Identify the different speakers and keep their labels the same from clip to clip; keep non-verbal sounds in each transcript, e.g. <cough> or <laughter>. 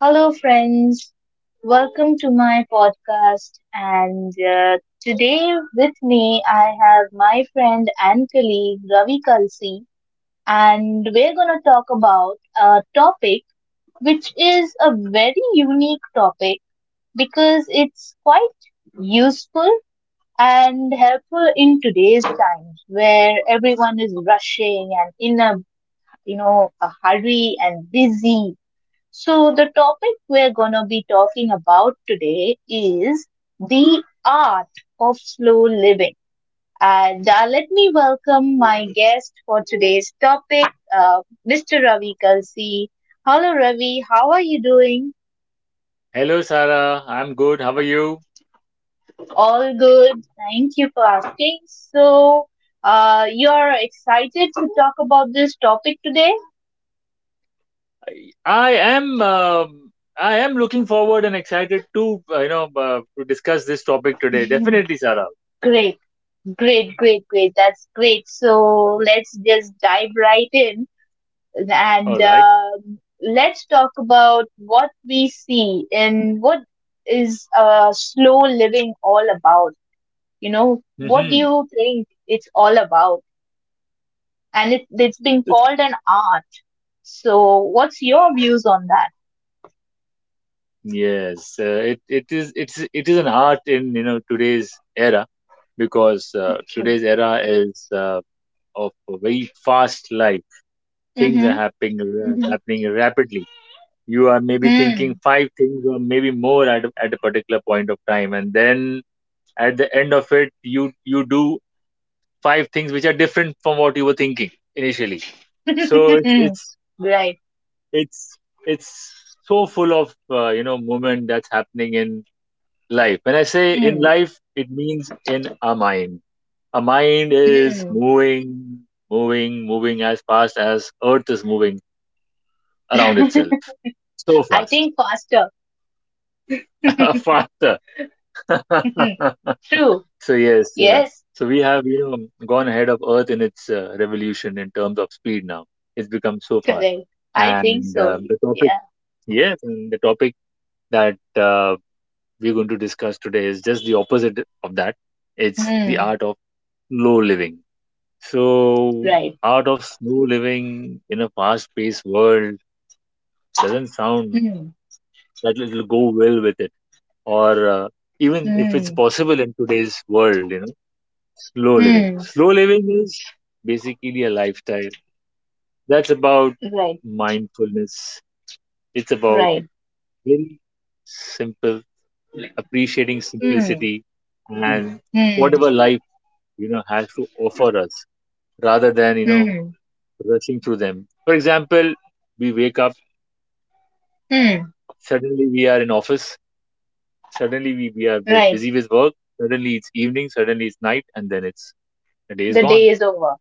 Speaker 1: Hello, friends. Welcome to my podcast. And today with me, I have my friend and colleague Ravi Kalsi. And we're going to talk about a topic which is a very unique topic because it's quite useful and helpful in today's times where everyone is rushing and in a a hurry and busy. So, the topic we're going to be talking about today is the art of slow living. And let me welcome my guest for today's topic, uh, Mr. Ravi Kalsi. Hello, Ravi. How are you doing?
Speaker 2: Hello, Sarah. I'm good. How are you?
Speaker 1: All good. Thank you for asking. So, you're excited to talk about this topic today? <laughs>
Speaker 2: I am I am looking forward and excited to to discuss this topic today.
Speaker 1: Mhm.
Speaker 2: Definitely, Sarah.
Speaker 1: Great, great, great, great. That's great. So let's just dive right in. And
Speaker 2: All right.
Speaker 1: Let's talk about what we see and what is slow living all about. You know, what do
Speaker 2: Mm-hmm.
Speaker 1: you think it's all about? And it's been called an art. So, what's your views on that?
Speaker 2: Yes, it is an art in today's era because
Speaker 1: Okay.
Speaker 2: today's era is of a very fast life. Things are
Speaker 1: Mm-hmm.
Speaker 2: happening rapidly. You are maybe
Speaker 1: Mm-hmm.
Speaker 2: thinking five things or maybe more at a particular point of time, and then at the end of it you do five things which are different from what you were thinking initially. So
Speaker 1: Hmm. <laughs> Right.
Speaker 2: it's it's so full of movement that's happening in life. When I say in
Speaker 1: Hmm.
Speaker 2: life, it means in our mind. Our mind is
Speaker 1: Hmm.
Speaker 2: moving, moving as fast as Earth is moving around
Speaker 1: <laughs>
Speaker 2: itself, so
Speaker 1: I
Speaker 2: fast.
Speaker 1: think faster.
Speaker 2: <laughs>
Speaker 1: <laughs>
Speaker 2: Faster. <laughs>
Speaker 1: True.
Speaker 2: So yes,
Speaker 1: Yes.
Speaker 2: so we have gone ahead of Earth in its revolution in terms of speed now. It's become so fast,
Speaker 1: Correct. I think
Speaker 2: and
Speaker 1: so.
Speaker 2: um, the topic
Speaker 1: Yeah.
Speaker 2: yes, and the topic that we're going to discuss today is just the opposite of that. It's the
Speaker 1: Hmm.
Speaker 2: art of slow living. So
Speaker 1: Right.
Speaker 2: art of slow living in a fast-paced world doesn't sound
Speaker 1: Mm,
Speaker 2: that it'll go well with it, or even if it's
Speaker 1: mm,
Speaker 2: possible in today's world, you know. Slow living.
Speaker 1: mm,
Speaker 2: Slow living is basically a lifestyle that's about
Speaker 1: right,
Speaker 2: mindfulness. It's about
Speaker 1: right.
Speaker 2: very simple, appreciating
Speaker 1: Mm,
Speaker 2: simplicity and
Speaker 1: mm,
Speaker 2: whatever life, you know, has to offer us rather than,
Speaker 1: mm,
Speaker 2: rushing through them. For example, we wake up,
Speaker 1: mm,
Speaker 2: suddenly we are in office, suddenly we are
Speaker 1: right.
Speaker 2: busy with work, suddenly it's evening, suddenly it's night, and then it's the day is
Speaker 1: The
Speaker 2: gone.
Speaker 1: day is over.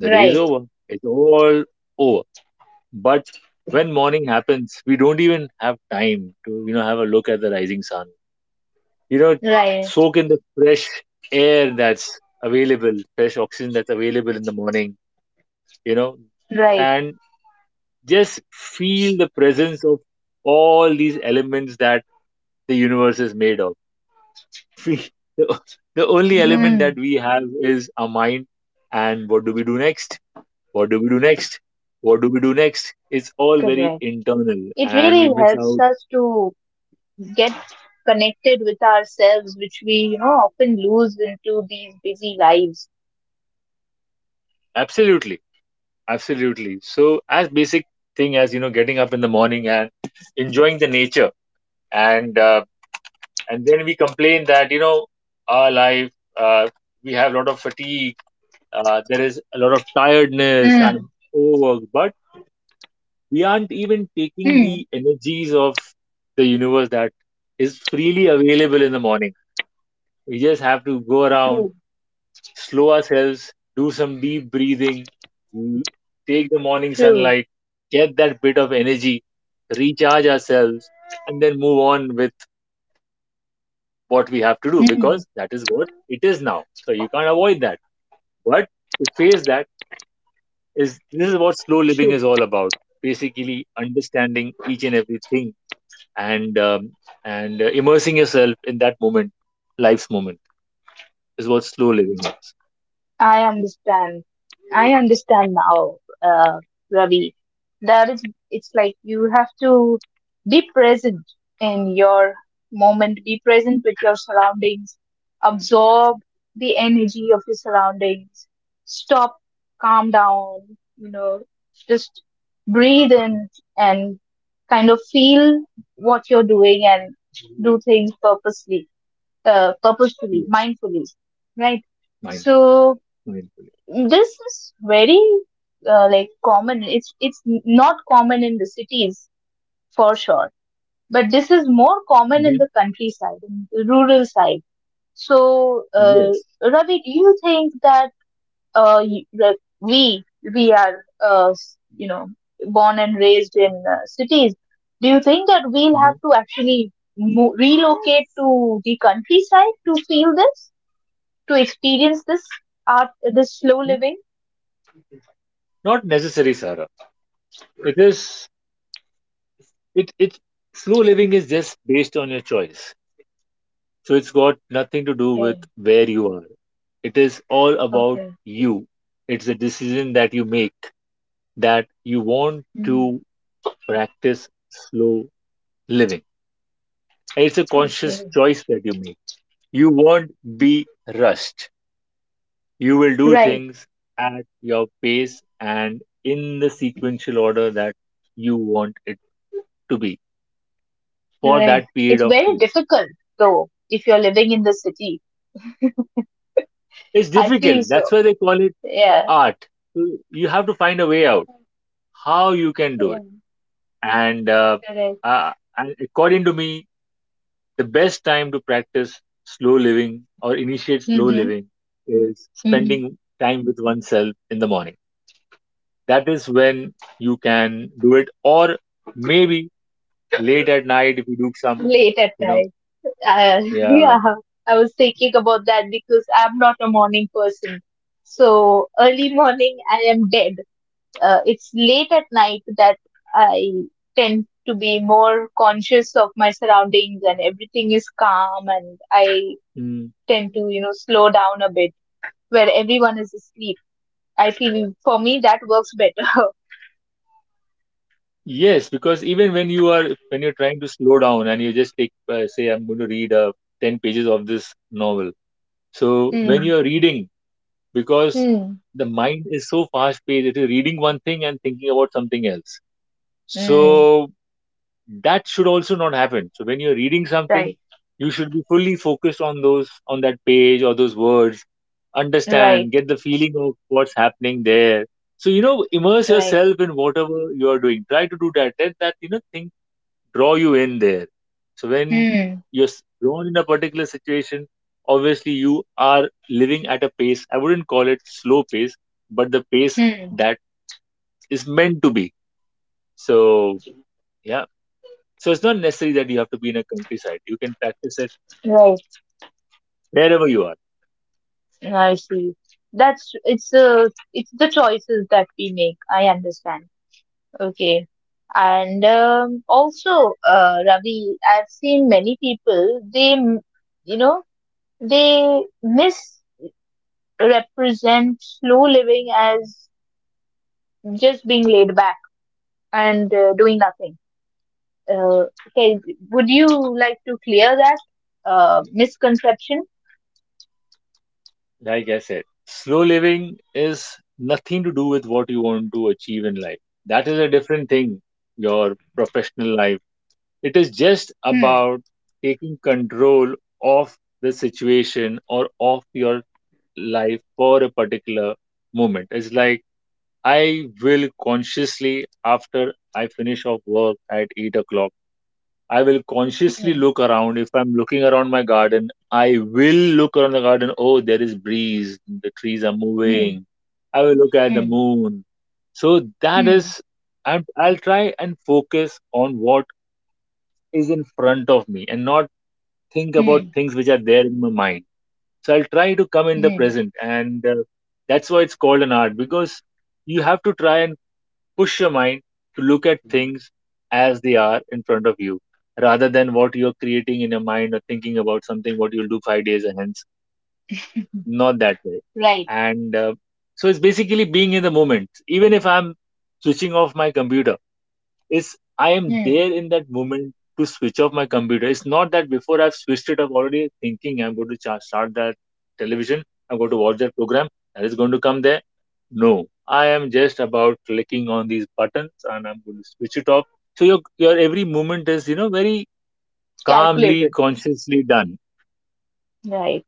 Speaker 2: The day is
Speaker 1: Right,
Speaker 2: over. It's all over. But when morning happens, we don't even have time to, have a look at the rising sun. You know,
Speaker 1: right,
Speaker 2: soak in the fresh air that's available, fresh oxygen that's available in the morning, you know,
Speaker 1: right.
Speaker 2: and just feel the presence of all these elements that the universe is made of. <laughs> We, the, the only element that
Speaker 1: Mm,
Speaker 2: we have is our mind. And what do we do next? What do we do next? What do we do next? It's all
Speaker 1: correct.
Speaker 2: very internal,
Speaker 1: It really
Speaker 2: and we miss
Speaker 1: helps
Speaker 2: out.
Speaker 1: us to get connected with ourselves, which we, you know, often lose into these busy lives.
Speaker 2: Absolutely, absolutely. So, as basic thing as getting up in the morning and enjoying the nature, and uh, and then we complain that our life uh, we have a lot of fatigue, there is a lot of
Speaker 1: Mm,
Speaker 2: tiredness and overwork, but we aren't even taking
Speaker 1: mm,
Speaker 2: the energies of the universe that is freely available in the morning. We just have to go around,
Speaker 1: true,
Speaker 2: slow ourselves, do some deep breathing, l- take the morning sunlight,
Speaker 1: true,
Speaker 2: get that bit of energy, recharge ourselves, and then move on with
Speaker 1: mm,
Speaker 2: what we have to do, because that is what it is now. So you can't avoid that. But to face that is
Speaker 1: true.
Speaker 2: this is what slow living is all about. Basically, understanding each and everything and um, and immersing yourself in that moment, life's moment, is what slow living is.
Speaker 1: I understand. I understand now, uh, Ravi. That is, it's like you have to be present in your moment, be present with your surroundings, absorb the energy of your surroundings, stop, calm down, you know, just breathe
Speaker 2: Mhm.
Speaker 1: in and kind of feel what you're doing and do things purposely, purposefully,
Speaker 2: Yes,
Speaker 1: mindfully, right?
Speaker 2: mindful,
Speaker 1: So
Speaker 2: mindfully.
Speaker 1: this is very like common. It's not common in the cities for sure, but this is more common in
Speaker 2: Mhm.
Speaker 1: the countryside, in the rural side. So,
Speaker 2: Yes.
Speaker 1: Ravi, do you think that that we we are you know born and raised in cities? Do you think that we'll have
Speaker 2: Mhm.
Speaker 1: to actually relocate to the countryside to feel this? To experience this art, this slow
Speaker 2: Mm,
Speaker 1: living.
Speaker 2: not necessary, Sarah. It is it it slow living is just based on your choice. So it's got nothing to do with
Speaker 1: Okay.
Speaker 2: where you are. It is all about
Speaker 1: Okay.
Speaker 2: you. It's a decision that you make that you want
Speaker 1: Mm.
Speaker 2: to practice slow living. And it's a conscious
Speaker 1: Okay.
Speaker 2: choice that you make. You won't be rushed. You will do
Speaker 1: Right,
Speaker 2: things at your pace and in the sequential order that you want it to be, for
Speaker 1: right.
Speaker 2: that period
Speaker 1: It's
Speaker 2: of
Speaker 1: very
Speaker 2: time.
Speaker 1: difficult though if you're living in the city.
Speaker 2: It's
Speaker 1: I feel
Speaker 2: difficult.
Speaker 1: so.
Speaker 2: That's why they call it
Speaker 1: Yeah,
Speaker 2: art. So you have to find a way out how you can do it.
Speaker 1: yeah.
Speaker 2: And, uh,
Speaker 1: Correct.
Speaker 2: and according to me, the best time to practice slow living or initiate slow
Speaker 1: Hmm.
Speaker 2: living is
Speaker 1: Mm-hmm.
Speaker 2: spending time with oneself in the morning. That is when you can do it, or maybe late at night if you do some,
Speaker 1: Late at
Speaker 2: you know,
Speaker 1: night. Uh, <laughs>
Speaker 2: yeah,
Speaker 1: yeah, I was thinking about that because I'm not a morning person. So early morning, I am dead. It's late at night that I tend to be more conscious of my surroundings and everything is calm and I
Speaker 2: mm.
Speaker 1: tend to, you know, slow down a bit where everyone is asleep. I feel for me that works better.
Speaker 2: Yes, because even when you are when you're trying to slow down and you just take say I'm going to read 10 pages of this novel. So
Speaker 1: <laughs>
Speaker 2: when
Speaker 1: Hmm.
Speaker 2: you're reading, because
Speaker 1: Hmm.
Speaker 2: the mind is so fast paced, it is reading one thing and thinking about something else.
Speaker 1: Hmm.
Speaker 2: So that should also not happen. So when you're reading something,
Speaker 1: Right.
Speaker 2: you should be fully focused on those on that page or those words,
Speaker 1: Right.
Speaker 2: understand, get the feeling of what's happening there. So, you know, immerse
Speaker 1: Right.
Speaker 2: yourself in whatever you are doing. Try to do that. Let that, thing draw you in there. So when
Speaker 1: Hmm.
Speaker 2: you're drawn in a particular situation, obviously you are living at a pace. I wouldn't call it slow pace, but the pace
Speaker 1: Hmm.
Speaker 2: that is meant to be. So yeah. So it's not necessary that you have to be in a countryside. You can practice it
Speaker 1: Right.
Speaker 2: wherever you are.
Speaker 1: I see. That's it's It's the choices that we make. I understand. Okay. And also, Ravi, I've seen many people, you know, they misrepresent slow living as just being laid back and doing nothing. Okay, would you like to clear that misconception?
Speaker 2: Like I said, slow living is nothing to do with what you want to achieve in life. That is a different thing. Your professional life, it is just
Speaker 1: Hmm,
Speaker 2: about taking control of the situation or of your life for a particular moment. It's like I will consciously, after I finish off work at 8 o'clock, I will consciously
Speaker 1: hmm,
Speaker 2: look around. If I'm looking around my garden, I will look around the garden. Oh, there is breeze. The trees are
Speaker 1: hmm,
Speaker 2: moving. I will look at the
Speaker 1: hmm,
Speaker 2: moon. So that
Speaker 1: hmm,
Speaker 2: is, I'll try and focus on what is in front of me and not think about things which are there in my mind. So I'll try to come in the
Speaker 1: hmm,
Speaker 2: present, and that's why it's called an art, because you have to try and push your mind to look at things as they are in front of you rather than what you're creating in your mind or thinking about something what you'll do five days and hence.
Speaker 1: hmm.
Speaker 2: Not that way.
Speaker 1: Right.
Speaker 2: And so it's basically being in the moment. Even if I'm switching off my computer, is I am
Speaker 1: Hmm.
Speaker 2: there in that moment to switch off my computer. It's not that before I've switched it, I'm already thinking I'm going to start that television, I'm going to watch that program, and it's going to come there. No, I am just about clicking on these buttons and I'm going to switch it off. So your every movement is, you know, very calmly,
Speaker 1: Calculated.
Speaker 2: consciously done.
Speaker 1: Right.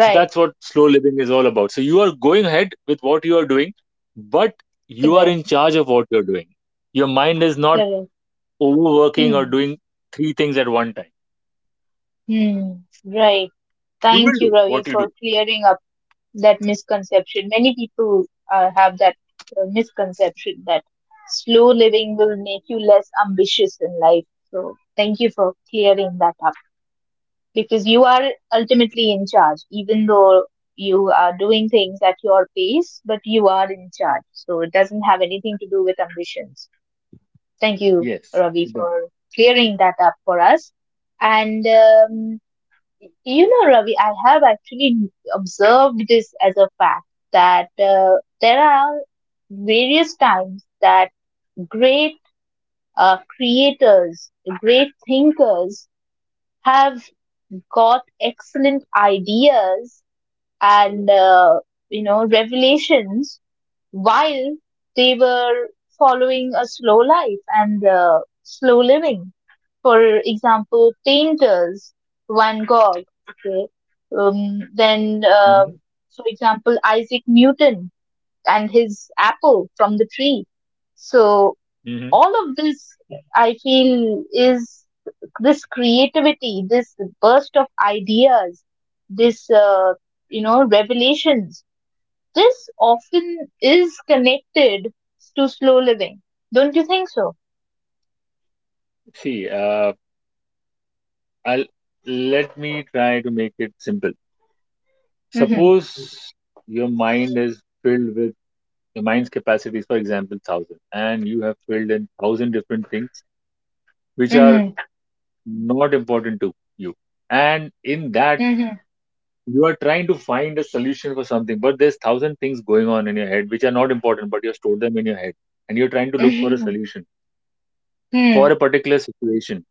Speaker 2: So that's what slow living is all about. So you are going ahead with what you are doing, but you are
Speaker 1: Correct.
Speaker 2: in charge of what you're doing. Your mind is not
Speaker 1: Correct.
Speaker 2: overworking or
Speaker 1: Hmm.
Speaker 2: doing three things at one time.
Speaker 1: Hmm, right.
Speaker 2: You will
Speaker 1: Thank you,
Speaker 2: do.
Speaker 1: Ravi,
Speaker 2: What you
Speaker 1: for
Speaker 2: do?
Speaker 1: clearing up that misconception. Many people have that misconception that slow living will make you less ambitious in life. So, thank you for clearing that up because you are ultimately in charge, even though you are doing things at your pace, but you are in charge. So, it doesn't have anything to do with ambitions. Thank you,
Speaker 2: Yes,
Speaker 1: Ravi,
Speaker 2: it doesn't.
Speaker 1: for clearing that up for us. And you know, Ravi, I have actually observed this as a fact that there are various times that great creators, great thinkers have got excellent ideas and, you know, revelations while they were following a slow life and slow living. For example, painters, Van Gogh, okay? Then,
Speaker 2: Hmm.
Speaker 1: for example, Isaac Newton and his apple from the tree. So,
Speaker 2: Hmm.
Speaker 1: all of this, I feel, is this creativity, this burst of ideas, this, you know, revelations, this often is connected to slow living. Don't you think so?
Speaker 2: See, I'll let me try to make it simple.
Speaker 1: Mm-hmm.
Speaker 2: Suppose your mind is filled with your mind's capacity is, for example, thousand, and you have filled in thousand different things which are
Speaker 1: Mm-hmm.
Speaker 2: not important to you. And in that
Speaker 1: Mm-hmm.
Speaker 2: you are trying to find a solution for something, but there's thousand things going on in your head which are not important, but you have stored them in your head, and you're trying to look for a
Speaker 1: Mm-hmm.
Speaker 2: solution
Speaker 1: Mm-hmm.
Speaker 2: for
Speaker 1: Hmm.
Speaker 2: a particular situation.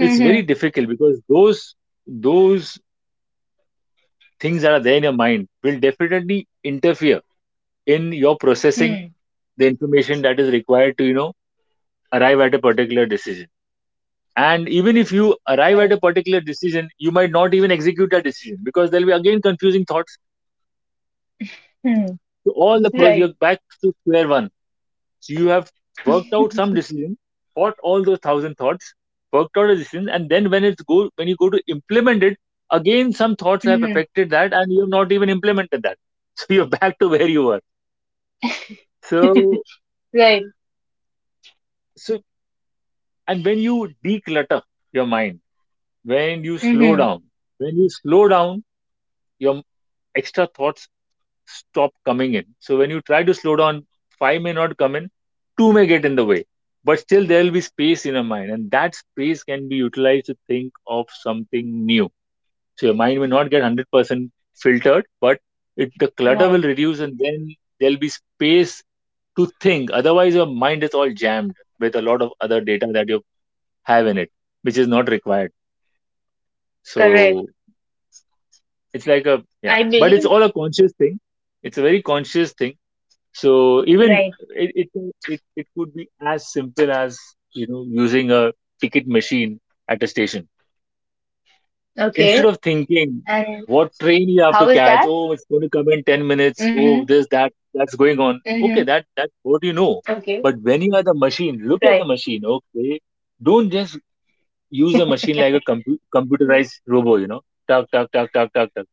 Speaker 2: It's very difficult because those things that are there in your mind will definitely interfere in your processing
Speaker 1: Hmm.
Speaker 2: the information that is required to arrive at a particular decision. And even if you arrive
Speaker 1: Right.
Speaker 2: at a particular decision, you might not even execute that decision, because there'll be again confusing thoughts.
Speaker 1: Mm-hmm.
Speaker 2: So
Speaker 1: Right.
Speaker 2: you're back to square one. So you have worked out
Speaker 1: <laughs>
Speaker 2: some decision, fought all those thousand thoughts, worked out a decision, and then when you go to implement it, again some thoughts have
Speaker 1: Mm-hmm.
Speaker 2: affected that, and you have not even implemented that. <laughs> So you're back to where you were. So
Speaker 1: Right.
Speaker 2: so and when you declutter your mind, when you slow
Speaker 1: Mm-hmm.
Speaker 2: down, when you slow down, your extra thoughts stop coming in. So when you try to slow down, five may not come in, two may get in the way, but still there will be space in your mind, and that space can be utilized to think of something new. So your mind may not get 100% filtered, but it, the clutter will
Speaker 1: Right.
Speaker 2: reduce, and then there'll be space to think. Otherwise, your mind is all jammed with a lot of other data that you have in it, which is not required.
Speaker 1: Correct.
Speaker 2: So it's like a yeah,
Speaker 1: I
Speaker 2: but it's
Speaker 1: believe.
Speaker 2: all a conscious thing. It's a very conscious thing. So even
Speaker 1: Right.
Speaker 2: it it it could be as simple as, you know, using a ticket machine at a station instead
Speaker 1: Okay.
Speaker 2: of thinking
Speaker 1: And
Speaker 2: what train you have to
Speaker 1: how is
Speaker 2: catch.
Speaker 1: that?
Speaker 2: Oh, it's going to come in 10 minutes.
Speaker 1: Mm-hmm.
Speaker 2: Oh, this that's going on.
Speaker 1: Mm-hmm.
Speaker 2: Okay, that that what you know.
Speaker 1: Okay.
Speaker 2: But when you are the machine, look at
Speaker 1: Right.
Speaker 2: the machine. Okay, don't just use a machine like a computerized robot. You know, tuck tuck tuck tuck tuck tuck.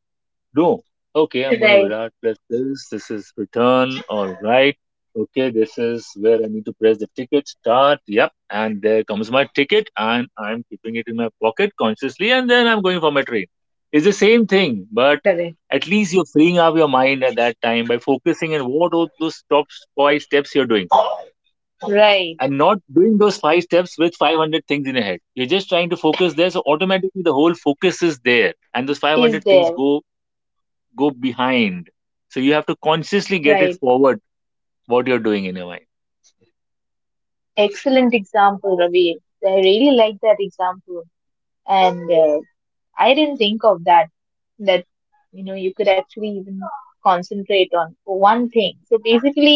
Speaker 2: No. Okay, I'm going to
Speaker 1: Right.
Speaker 2: Virat plus this. This is return. All right. Okay, this is where I need to press the ticket start. Yep. And there comes my ticket, and I'm keeping it in my pocket consciously, and then I'm going for my train. It's the same thing, but
Speaker 1: Correct.
Speaker 2: at least you're freeing up your mind at that time by focusing on what are those top five steps you're doing,
Speaker 1: Right.
Speaker 2: and not doing those five steps with 500 things in your head. You're just trying to focus there, so automatically the whole focus is there, and those
Speaker 1: Is
Speaker 2: 500 things
Speaker 1: there.
Speaker 2: go behind. So you have to consciously get it
Speaker 1: Right.
Speaker 2: forward what you're doing in your mind.
Speaker 1: Excellent example, Ravi. I really like that example. And I didn't think of that, that you know you could actually even concentrate on one thing. So basically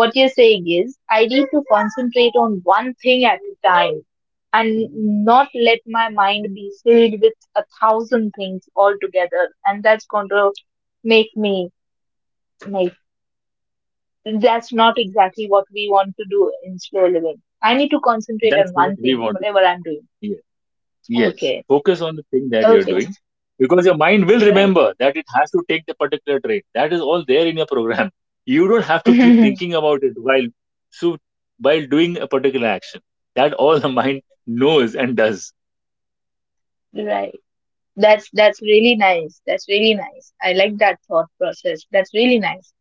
Speaker 1: what you're saying is I need to concentrate on one thing at a time and not let my mind be filled with a thousand things altogether, and that's going to make me like, that's not exactly what we want to do in slow living. I need to concentrate on
Speaker 2: That's not
Speaker 1: one
Speaker 2: what we
Speaker 1: thing
Speaker 2: want to do.
Speaker 1: whatever I'm doing.
Speaker 2: Yes. Yes.
Speaker 1: Okay,
Speaker 2: Focus on the thing that you're
Speaker 1: okay,
Speaker 2: doing because your mind will
Speaker 1: right.
Speaker 2: remember that it has to take the particular train. That is all there in your program. <laughs> You don't have to keep
Speaker 1: <laughs>
Speaker 2: thinking about it while so while doing a particular action. That all the mind knows and does.
Speaker 1: Right. That's really nice. That's really nice. I like that thought process. That's really nice.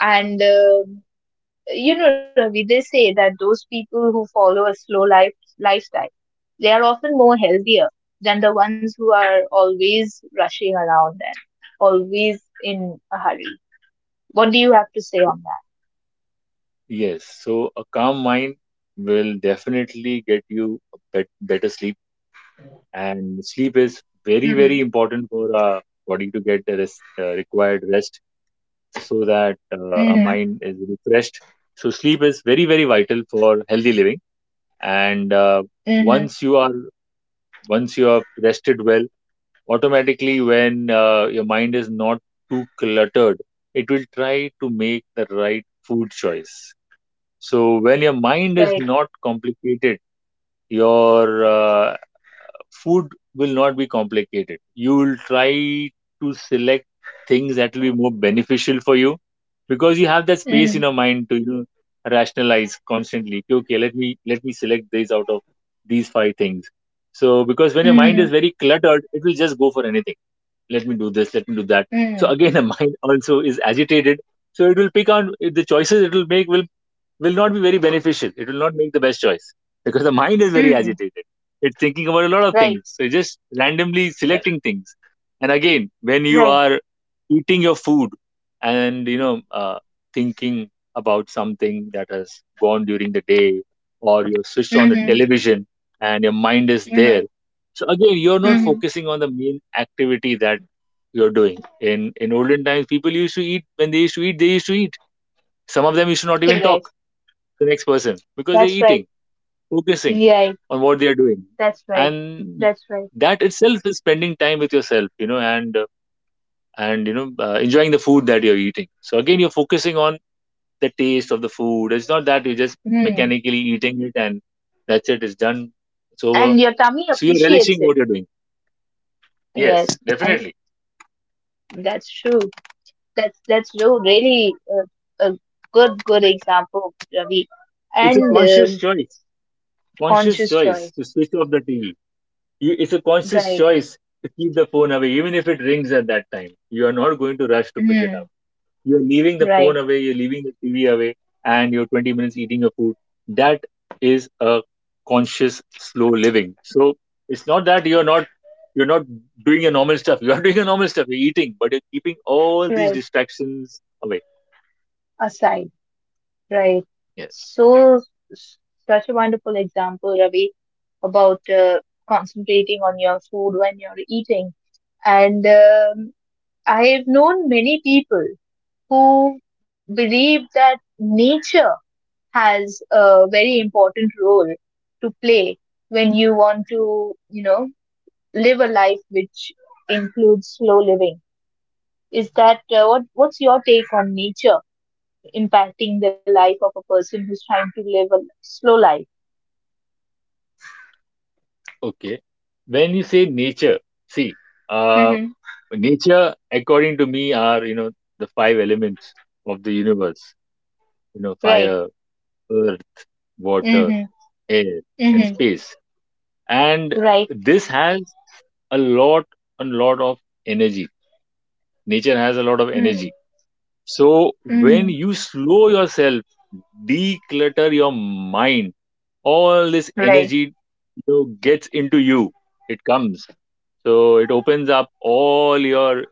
Speaker 1: And you know, Ravi, they say that those people who follow a slow life lifestyle, they are often more healthier than the ones who are always rushing around and always in a hurry. What do you have to say on that?
Speaker 2: Yes. So a calm mind will definitely get you a better sleep, and sleep is very
Speaker 1: Mm-hmm.
Speaker 2: very important for body to get the rest, required rest so that our
Speaker 1: Mm-hmm.
Speaker 2: mind is refreshed, so sleep is very very vital for healthy living. And
Speaker 1: Mm-hmm.
Speaker 2: Once you are once you are rested well, automatically when your mind is not too cluttered, it will try to make the right food choice. So when your mind is
Speaker 1: Right.
Speaker 2: not complicated, your food will not be complicated. You will try to select things that will be more beneficial for you because you have that space in
Speaker 1: Mm-hmm.
Speaker 2: your mind to, you know, rationalize constantly. Okay, okay, let me select these out of these five things. So because when your mind is very cluttered, it will just go for anything. Let me do this. Let me do that. So
Speaker 1: Mm-hmm.
Speaker 2: again, the <laughs> mind also is agitated. So it will pick on the choices it will make will not be very beneficial. It will not make the best choice because the mind is very
Speaker 1: Mm-hmm.
Speaker 2: agitated. It's thinking about a lot of
Speaker 1: Right.
Speaker 2: things. So it's just randomly selecting things. And again, when you
Speaker 1: Right.
Speaker 2: are eating your food and you know thinking about something that has gone during the day, or you switched on the
Speaker 1: Mm-hmm.
Speaker 2: television and your mind is
Speaker 1: Mm-hmm.
Speaker 2: there. So again, you're not
Speaker 1: Mm-hmm.
Speaker 2: focusing on the main activity that you're doing. In olden times, people used to eat when they used to eat, they used to eat. Some of them used to not even
Speaker 1: Correct.
Speaker 2: talk the next person because they're
Speaker 1: That's right.
Speaker 2: eating, focusing
Speaker 1: Yeah,
Speaker 2: on what they're doing,
Speaker 1: that's right.
Speaker 2: and
Speaker 1: That's right.
Speaker 2: that itself is spending time with yourself, you know, and and you know enjoying the food that you're eating. So again, you're focusing on the taste of the food. It's not that you're just
Speaker 1: Hmm.
Speaker 2: mechanically eating it and that's it. It's done. It's over.
Speaker 1: And your tummy
Speaker 2: So you're
Speaker 1: appreciates
Speaker 2: relishing
Speaker 1: it.
Speaker 2: what you're doing. Yes,
Speaker 1: Yes,
Speaker 2: definitely.
Speaker 1: that's true. That's true. Really a good good example, Ravi.
Speaker 2: It's a
Speaker 1: And
Speaker 2: conscious choice. Conscious
Speaker 1: conscious
Speaker 2: choice
Speaker 1: choice.
Speaker 2: to switch off the TV. It's a conscious
Speaker 1: Right.
Speaker 2: choice to keep the phone away, even if it rings at that time. You are not going to rush to pick it
Speaker 1: Hmm.
Speaker 2: up. You're leaving the phone
Speaker 1: Right.
Speaker 2: away, you're leaving the TV away, and you're 20 minutes eating your food. That is a conscious, slow living. So it's not that you're not doing your normal stuff. You are doing your normal stuff. You're eating, but you're keeping all these
Speaker 1: Right.
Speaker 2: distractions away.
Speaker 1: Aside. Right.
Speaker 2: Yes.
Speaker 1: So s- such a wonderful example, Ravi, about concentrating on your food when you're eating and I've known many people who believe that nature has a very important role to play when you want to, you know, live a life which includes slow living. Is that what? What's your take on nature impacting the life of a person who's trying to live a slow life?
Speaker 2: Okay. When you say nature, see, uh,
Speaker 1: Hmm.
Speaker 2: nature, according to me, are, you know, the five elements of the universe. You know,
Speaker 1: Right.
Speaker 2: fire, earth,
Speaker 1: Hmm.
Speaker 2: water, air, and
Speaker 1: Hmm.
Speaker 2: space, and
Speaker 1: Right.
Speaker 2: this has a lot, a lot of energy. Nature has a lot of
Speaker 1: Mm.
Speaker 2: energy. So when
Speaker 1: Hmm.
Speaker 2: you slow yourself, declutter your mind, all this
Speaker 1: Right.
Speaker 2: energy, you know, gets into you, it comes. So it opens up all your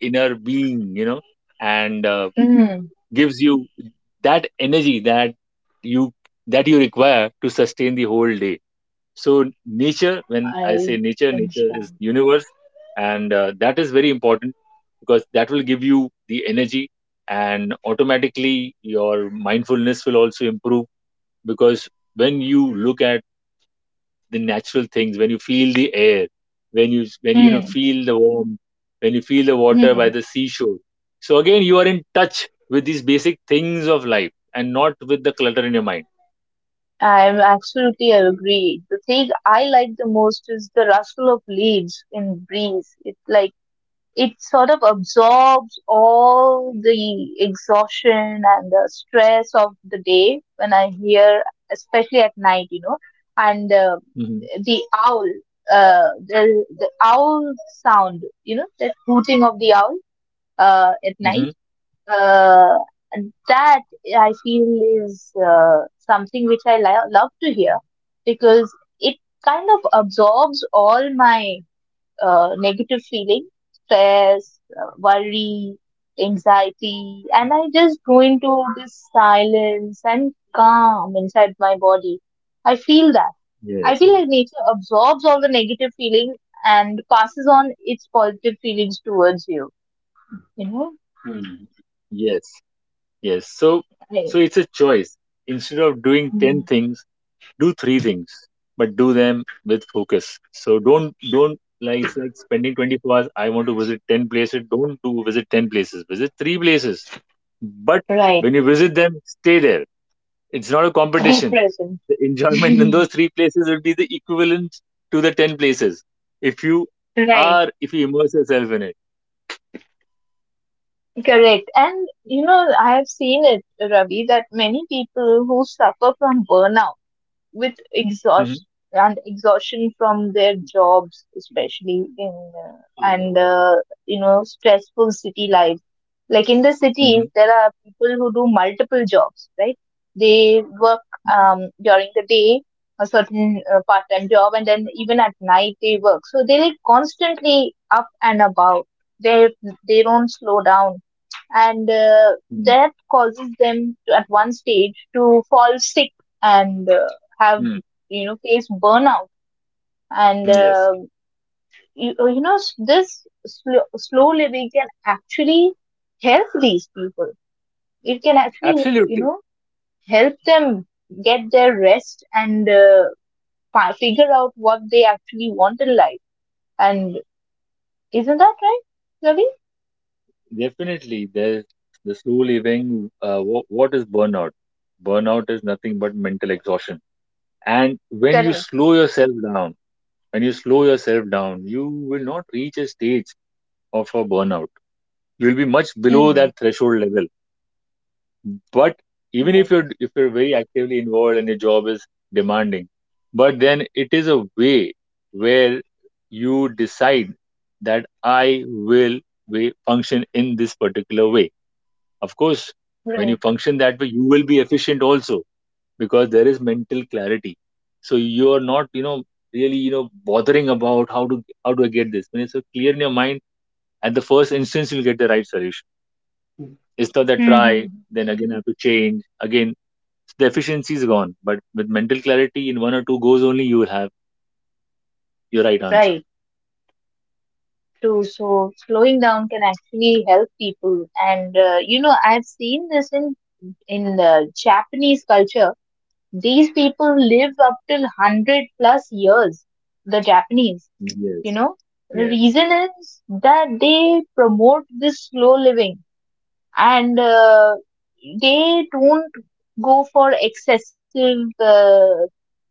Speaker 2: inner being, you know, and
Speaker 1: Mm.
Speaker 2: gives you that energy you that you require to sustain the whole day. So nature, when I say
Speaker 1: I
Speaker 2: nature, nature is
Speaker 1: understand.
Speaker 2: universe, and that is very important because that will give you the energy, and automatically your mindfulness will also improve because when you look at the natural things, when you feel the air, when you know feel the warmth, when you feel the water by
Speaker 1: Hmm.
Speaker 2: the seashore, so again you are in touch with these basic things of life and not with the clutter in your mind.
Speaker 1: I'm absolutely agree. The thing I like the most is the rustle of leaves in breeze. It like it sort of absorbs all the exhaustion and the stress of the day when I hear, especially at night, you know. And
Speaker 2: Hmm.
Speaker 1: the owl, the the owl sound, you know, that hooting of the owl at night,
Speaker 2: Hmm.
Speaker 1: uh, that I feel is something which I love to hear because it kind of absorbs all my negative feelings, stress, worry, anxiety, and I just go into this silence and calm inside my body. I feel that. I
Speaker 2: Yes.
Speaker 1: feel like nature absorbs all the negative feelings and passes on its positive feelings towards you. You know?
Speaker 2: Yes. Yes. So
Speaker 1: I-
Speaker 2: so it's a choice. Instead of doing
Speaker 1: Mm.
Speaker 2: 10 things, do 3 things, but do them with focus. So don't like it's like spending 24 hours I want to visit 10 places. Don't do visit 10 places. Visit 3 places. But
Speaker 1: Right.
Speaker 2: when you visit them, stay there. It's not a
Speaker 1: Be
Speaker 2: competition.
Speaker 1: present.
Speaker 2: The <laughs> enjoyment in
Speaker 1: <laughs>
Speaker 2: those 3 places will be the equivalent to the 10 places if you
Speaker 1: Right.
Speaker 2: are if you immerse yourself in it.
Speaker 1: Correct. And you know, I have seen it, Ravi, that many people who suffer from burnout with
Speaker 2: Hmm.
Speaker 1: exhaustion from their jobs, especially in uh, and you know stressful city life. Like in the
Speaker 2: Hmm.
Speaker 1: cities, there are people who do multiple jobs, right? They work, during the day a certain part-time job, and then even at night they work. So they're like constantly up and about. They they don't slow down and that causes them to, at one stage, to fall sick and have
Speaker 2: Hmm.
Speaker 1: you know faced burnout and
Speaker 2: Yes.
Speaker 1: you, you know this slow living can actually help these people. It can actually, you
Speaker 2: Absolutely.
Speaker 1: know, help them get their rest and figure out what they actually want in life and isn't that right, Ravi?
Speaker 2: Definitely, there's the slow living. What is burnout? Burnout is nothing but mental exhaustion. And when you
Speaker 1: Correct.
Speaker 2: slow yourself down, when you slow yourself down, you will not reach a stage of a burnout. You'll be much below
Speaker 1: Hmm.
Speaker 2: that threshold level. But even
Speaker 1: Right.
Speaker 2: if you're very actively involved and your job is demanding, but then it is a way where you decide that I will be, function in this particular way. Of course, when you
Speaker 1: Right.
Speaker 2: function that way, you will be efficient also because there is mental clarity. So you are not, you know, really, you know, bothering about how to how do I get this. When it's so clear in your mind, at the first instance, you'll get the right solution. It's not that try,
Speaker 1: Hmm.
Speaker 2: then again I have to change. Again, the efficiency is gone. But with mental clarity, in one or two goes only, you will have your right answer.
Speaker 1: Right. True. So slowing down can actually help people, and you know I've seen this in the Japanese culture. These people live up till 100 plus years. The Japanese, you
Speaker 2: Yes.
Speaker 1: know, the
Speaker 2: Yes.
Speaker 1: reason is that they promote this slow living and they don't go for excessive, uh,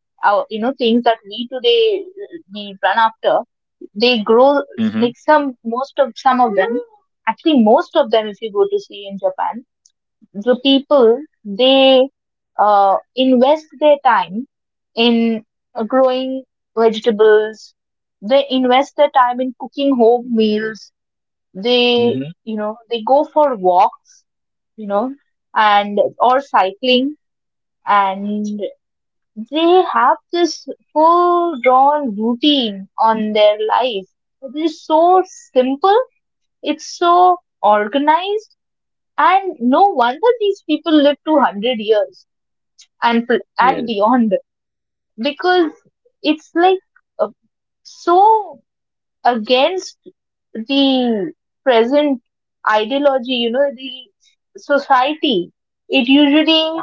Speaker 1: ou- you know, things that we today we run after. They grow,
Speaker 2: Mm-hmm.
Speaker 1: like some of them, actually most of them if you go to see in Japan, the people, they invest their time in growing vegetables, they invest their time in cooking home meals. They,
Speaker 2: Mm-hmm.
Speaker 1: you know, they go for walks, you know, and or cycling, and they have this full drawn routine on their life. It is so simple, it's so organized, and no wonder these people live to 100 years and, and
Speaker 2: Yes.
Speaker 1: beyond because it's like uh, so against the present ideology, you know, the society. It usually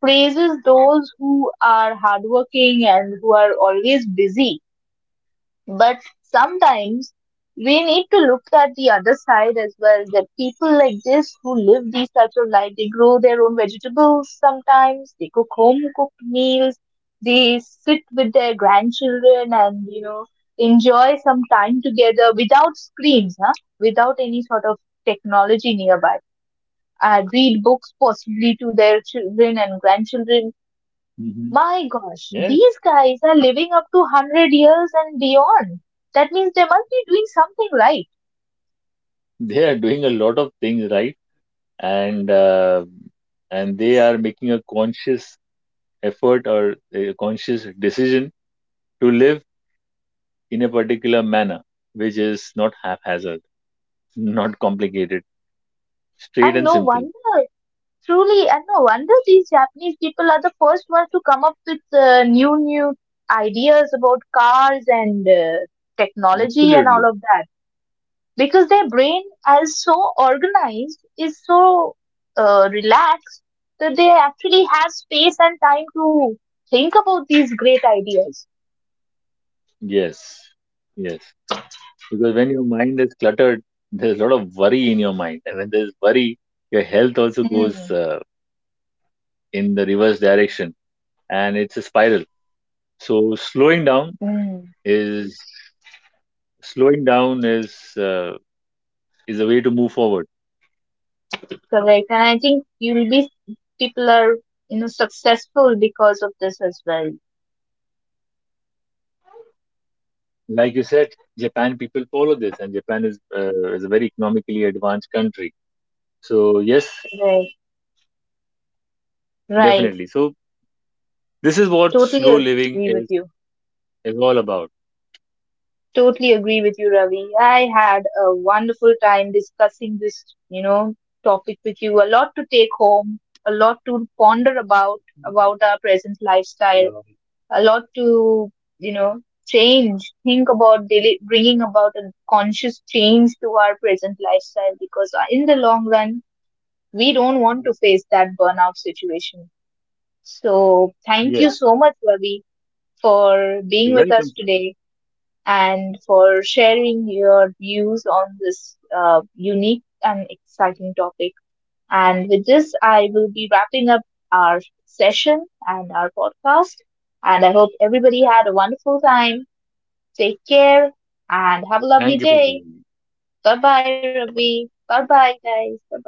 Speaker 1: praises those who are hardworking and who are always busy. But sometimes we need to look at the other side as well, that people like this who live these types of life, they grow their own vegetables sometimes, they cook home cooked meals, they sit with their grandchildren and, you know, enjoy some time together without screens, huh? Without any sort of technology nearby. Read books possibly to their children and grandchildren.
Speaker 2: Mm-hmm.
Speaker 1: My gosh,
Speaker 2: Yes.
Speaker 1: these guys are living up to 100 years and beyond. That means they must be doing something right.
Speaker 2: They are doing a lot of things right, and and they are making a conscious effort or a conscious decision to live in a particular manner, which is not haphazard, not complicated, straight
Speaker 1: And
Speaker 2: and
Speaker 1: no
Speaker 2: simple.
Speaker 1: wonder, truly, and no wonder these Japanese people are the first ones to come up with new ideas about cars and technology and
Speaker 2: Absolutely.
Speaker 1: all of that. Because their brain is so organized, is so relaxed, that they actually have space and time to think about these great ideas.
Speaker 2: Yes. Yes. Because when your mind is cluttered, there's a lot of worry in your mind. And when there's worry, your health also goes in the reverse direction, and it's a spiral. So
Speaker 1: Hmm.
Speaker 2: is slowing down is a way to move forward.
Speaker 1: Correct. And I think you'll be people are, you know, successful because of this as well.
Speaker 2: Like you said, Japan people follow this, and Japan is a very economically advanced country. So yes,
Speaker 1: Right. Right.
Speaker 2: definitely. So this is what
Speaker 1: Totally
Speaker 2: slow living
Speaker 1: agree with you.
Speaker 2: is all about.
Speaker 1: Totally agree with you, Ravi. I had a wonderful time discussing this, you know, topic with you. A lot to take home, a lot to ponder about our present lifestyle, a lot to you know change. Think about daily, bringing about a conscious change to our present lifestyle because in the long run we don't want to face that burnout situation. So thank you
Speaker 2: Yes,
Speaker 1: so much, Ravi, for being
Speaker 2: you're
Speaker 1: with
Speaker 2: welcome,
Speaker 1: us
Speaker 2: Sarah.
Speaker 1: today and for sharing your views on this unique and exciting topic. And with this, I will be wrapping up our session and our podcast. And I hope everybody had a wonderful time. Take care and have a lovely
Speaker 2: Thank you for calling
Speaker 1: day.
Speaker 2: me.
Speaker 1: Bye bye, Ravi. Bye bye, guys. Bye bye.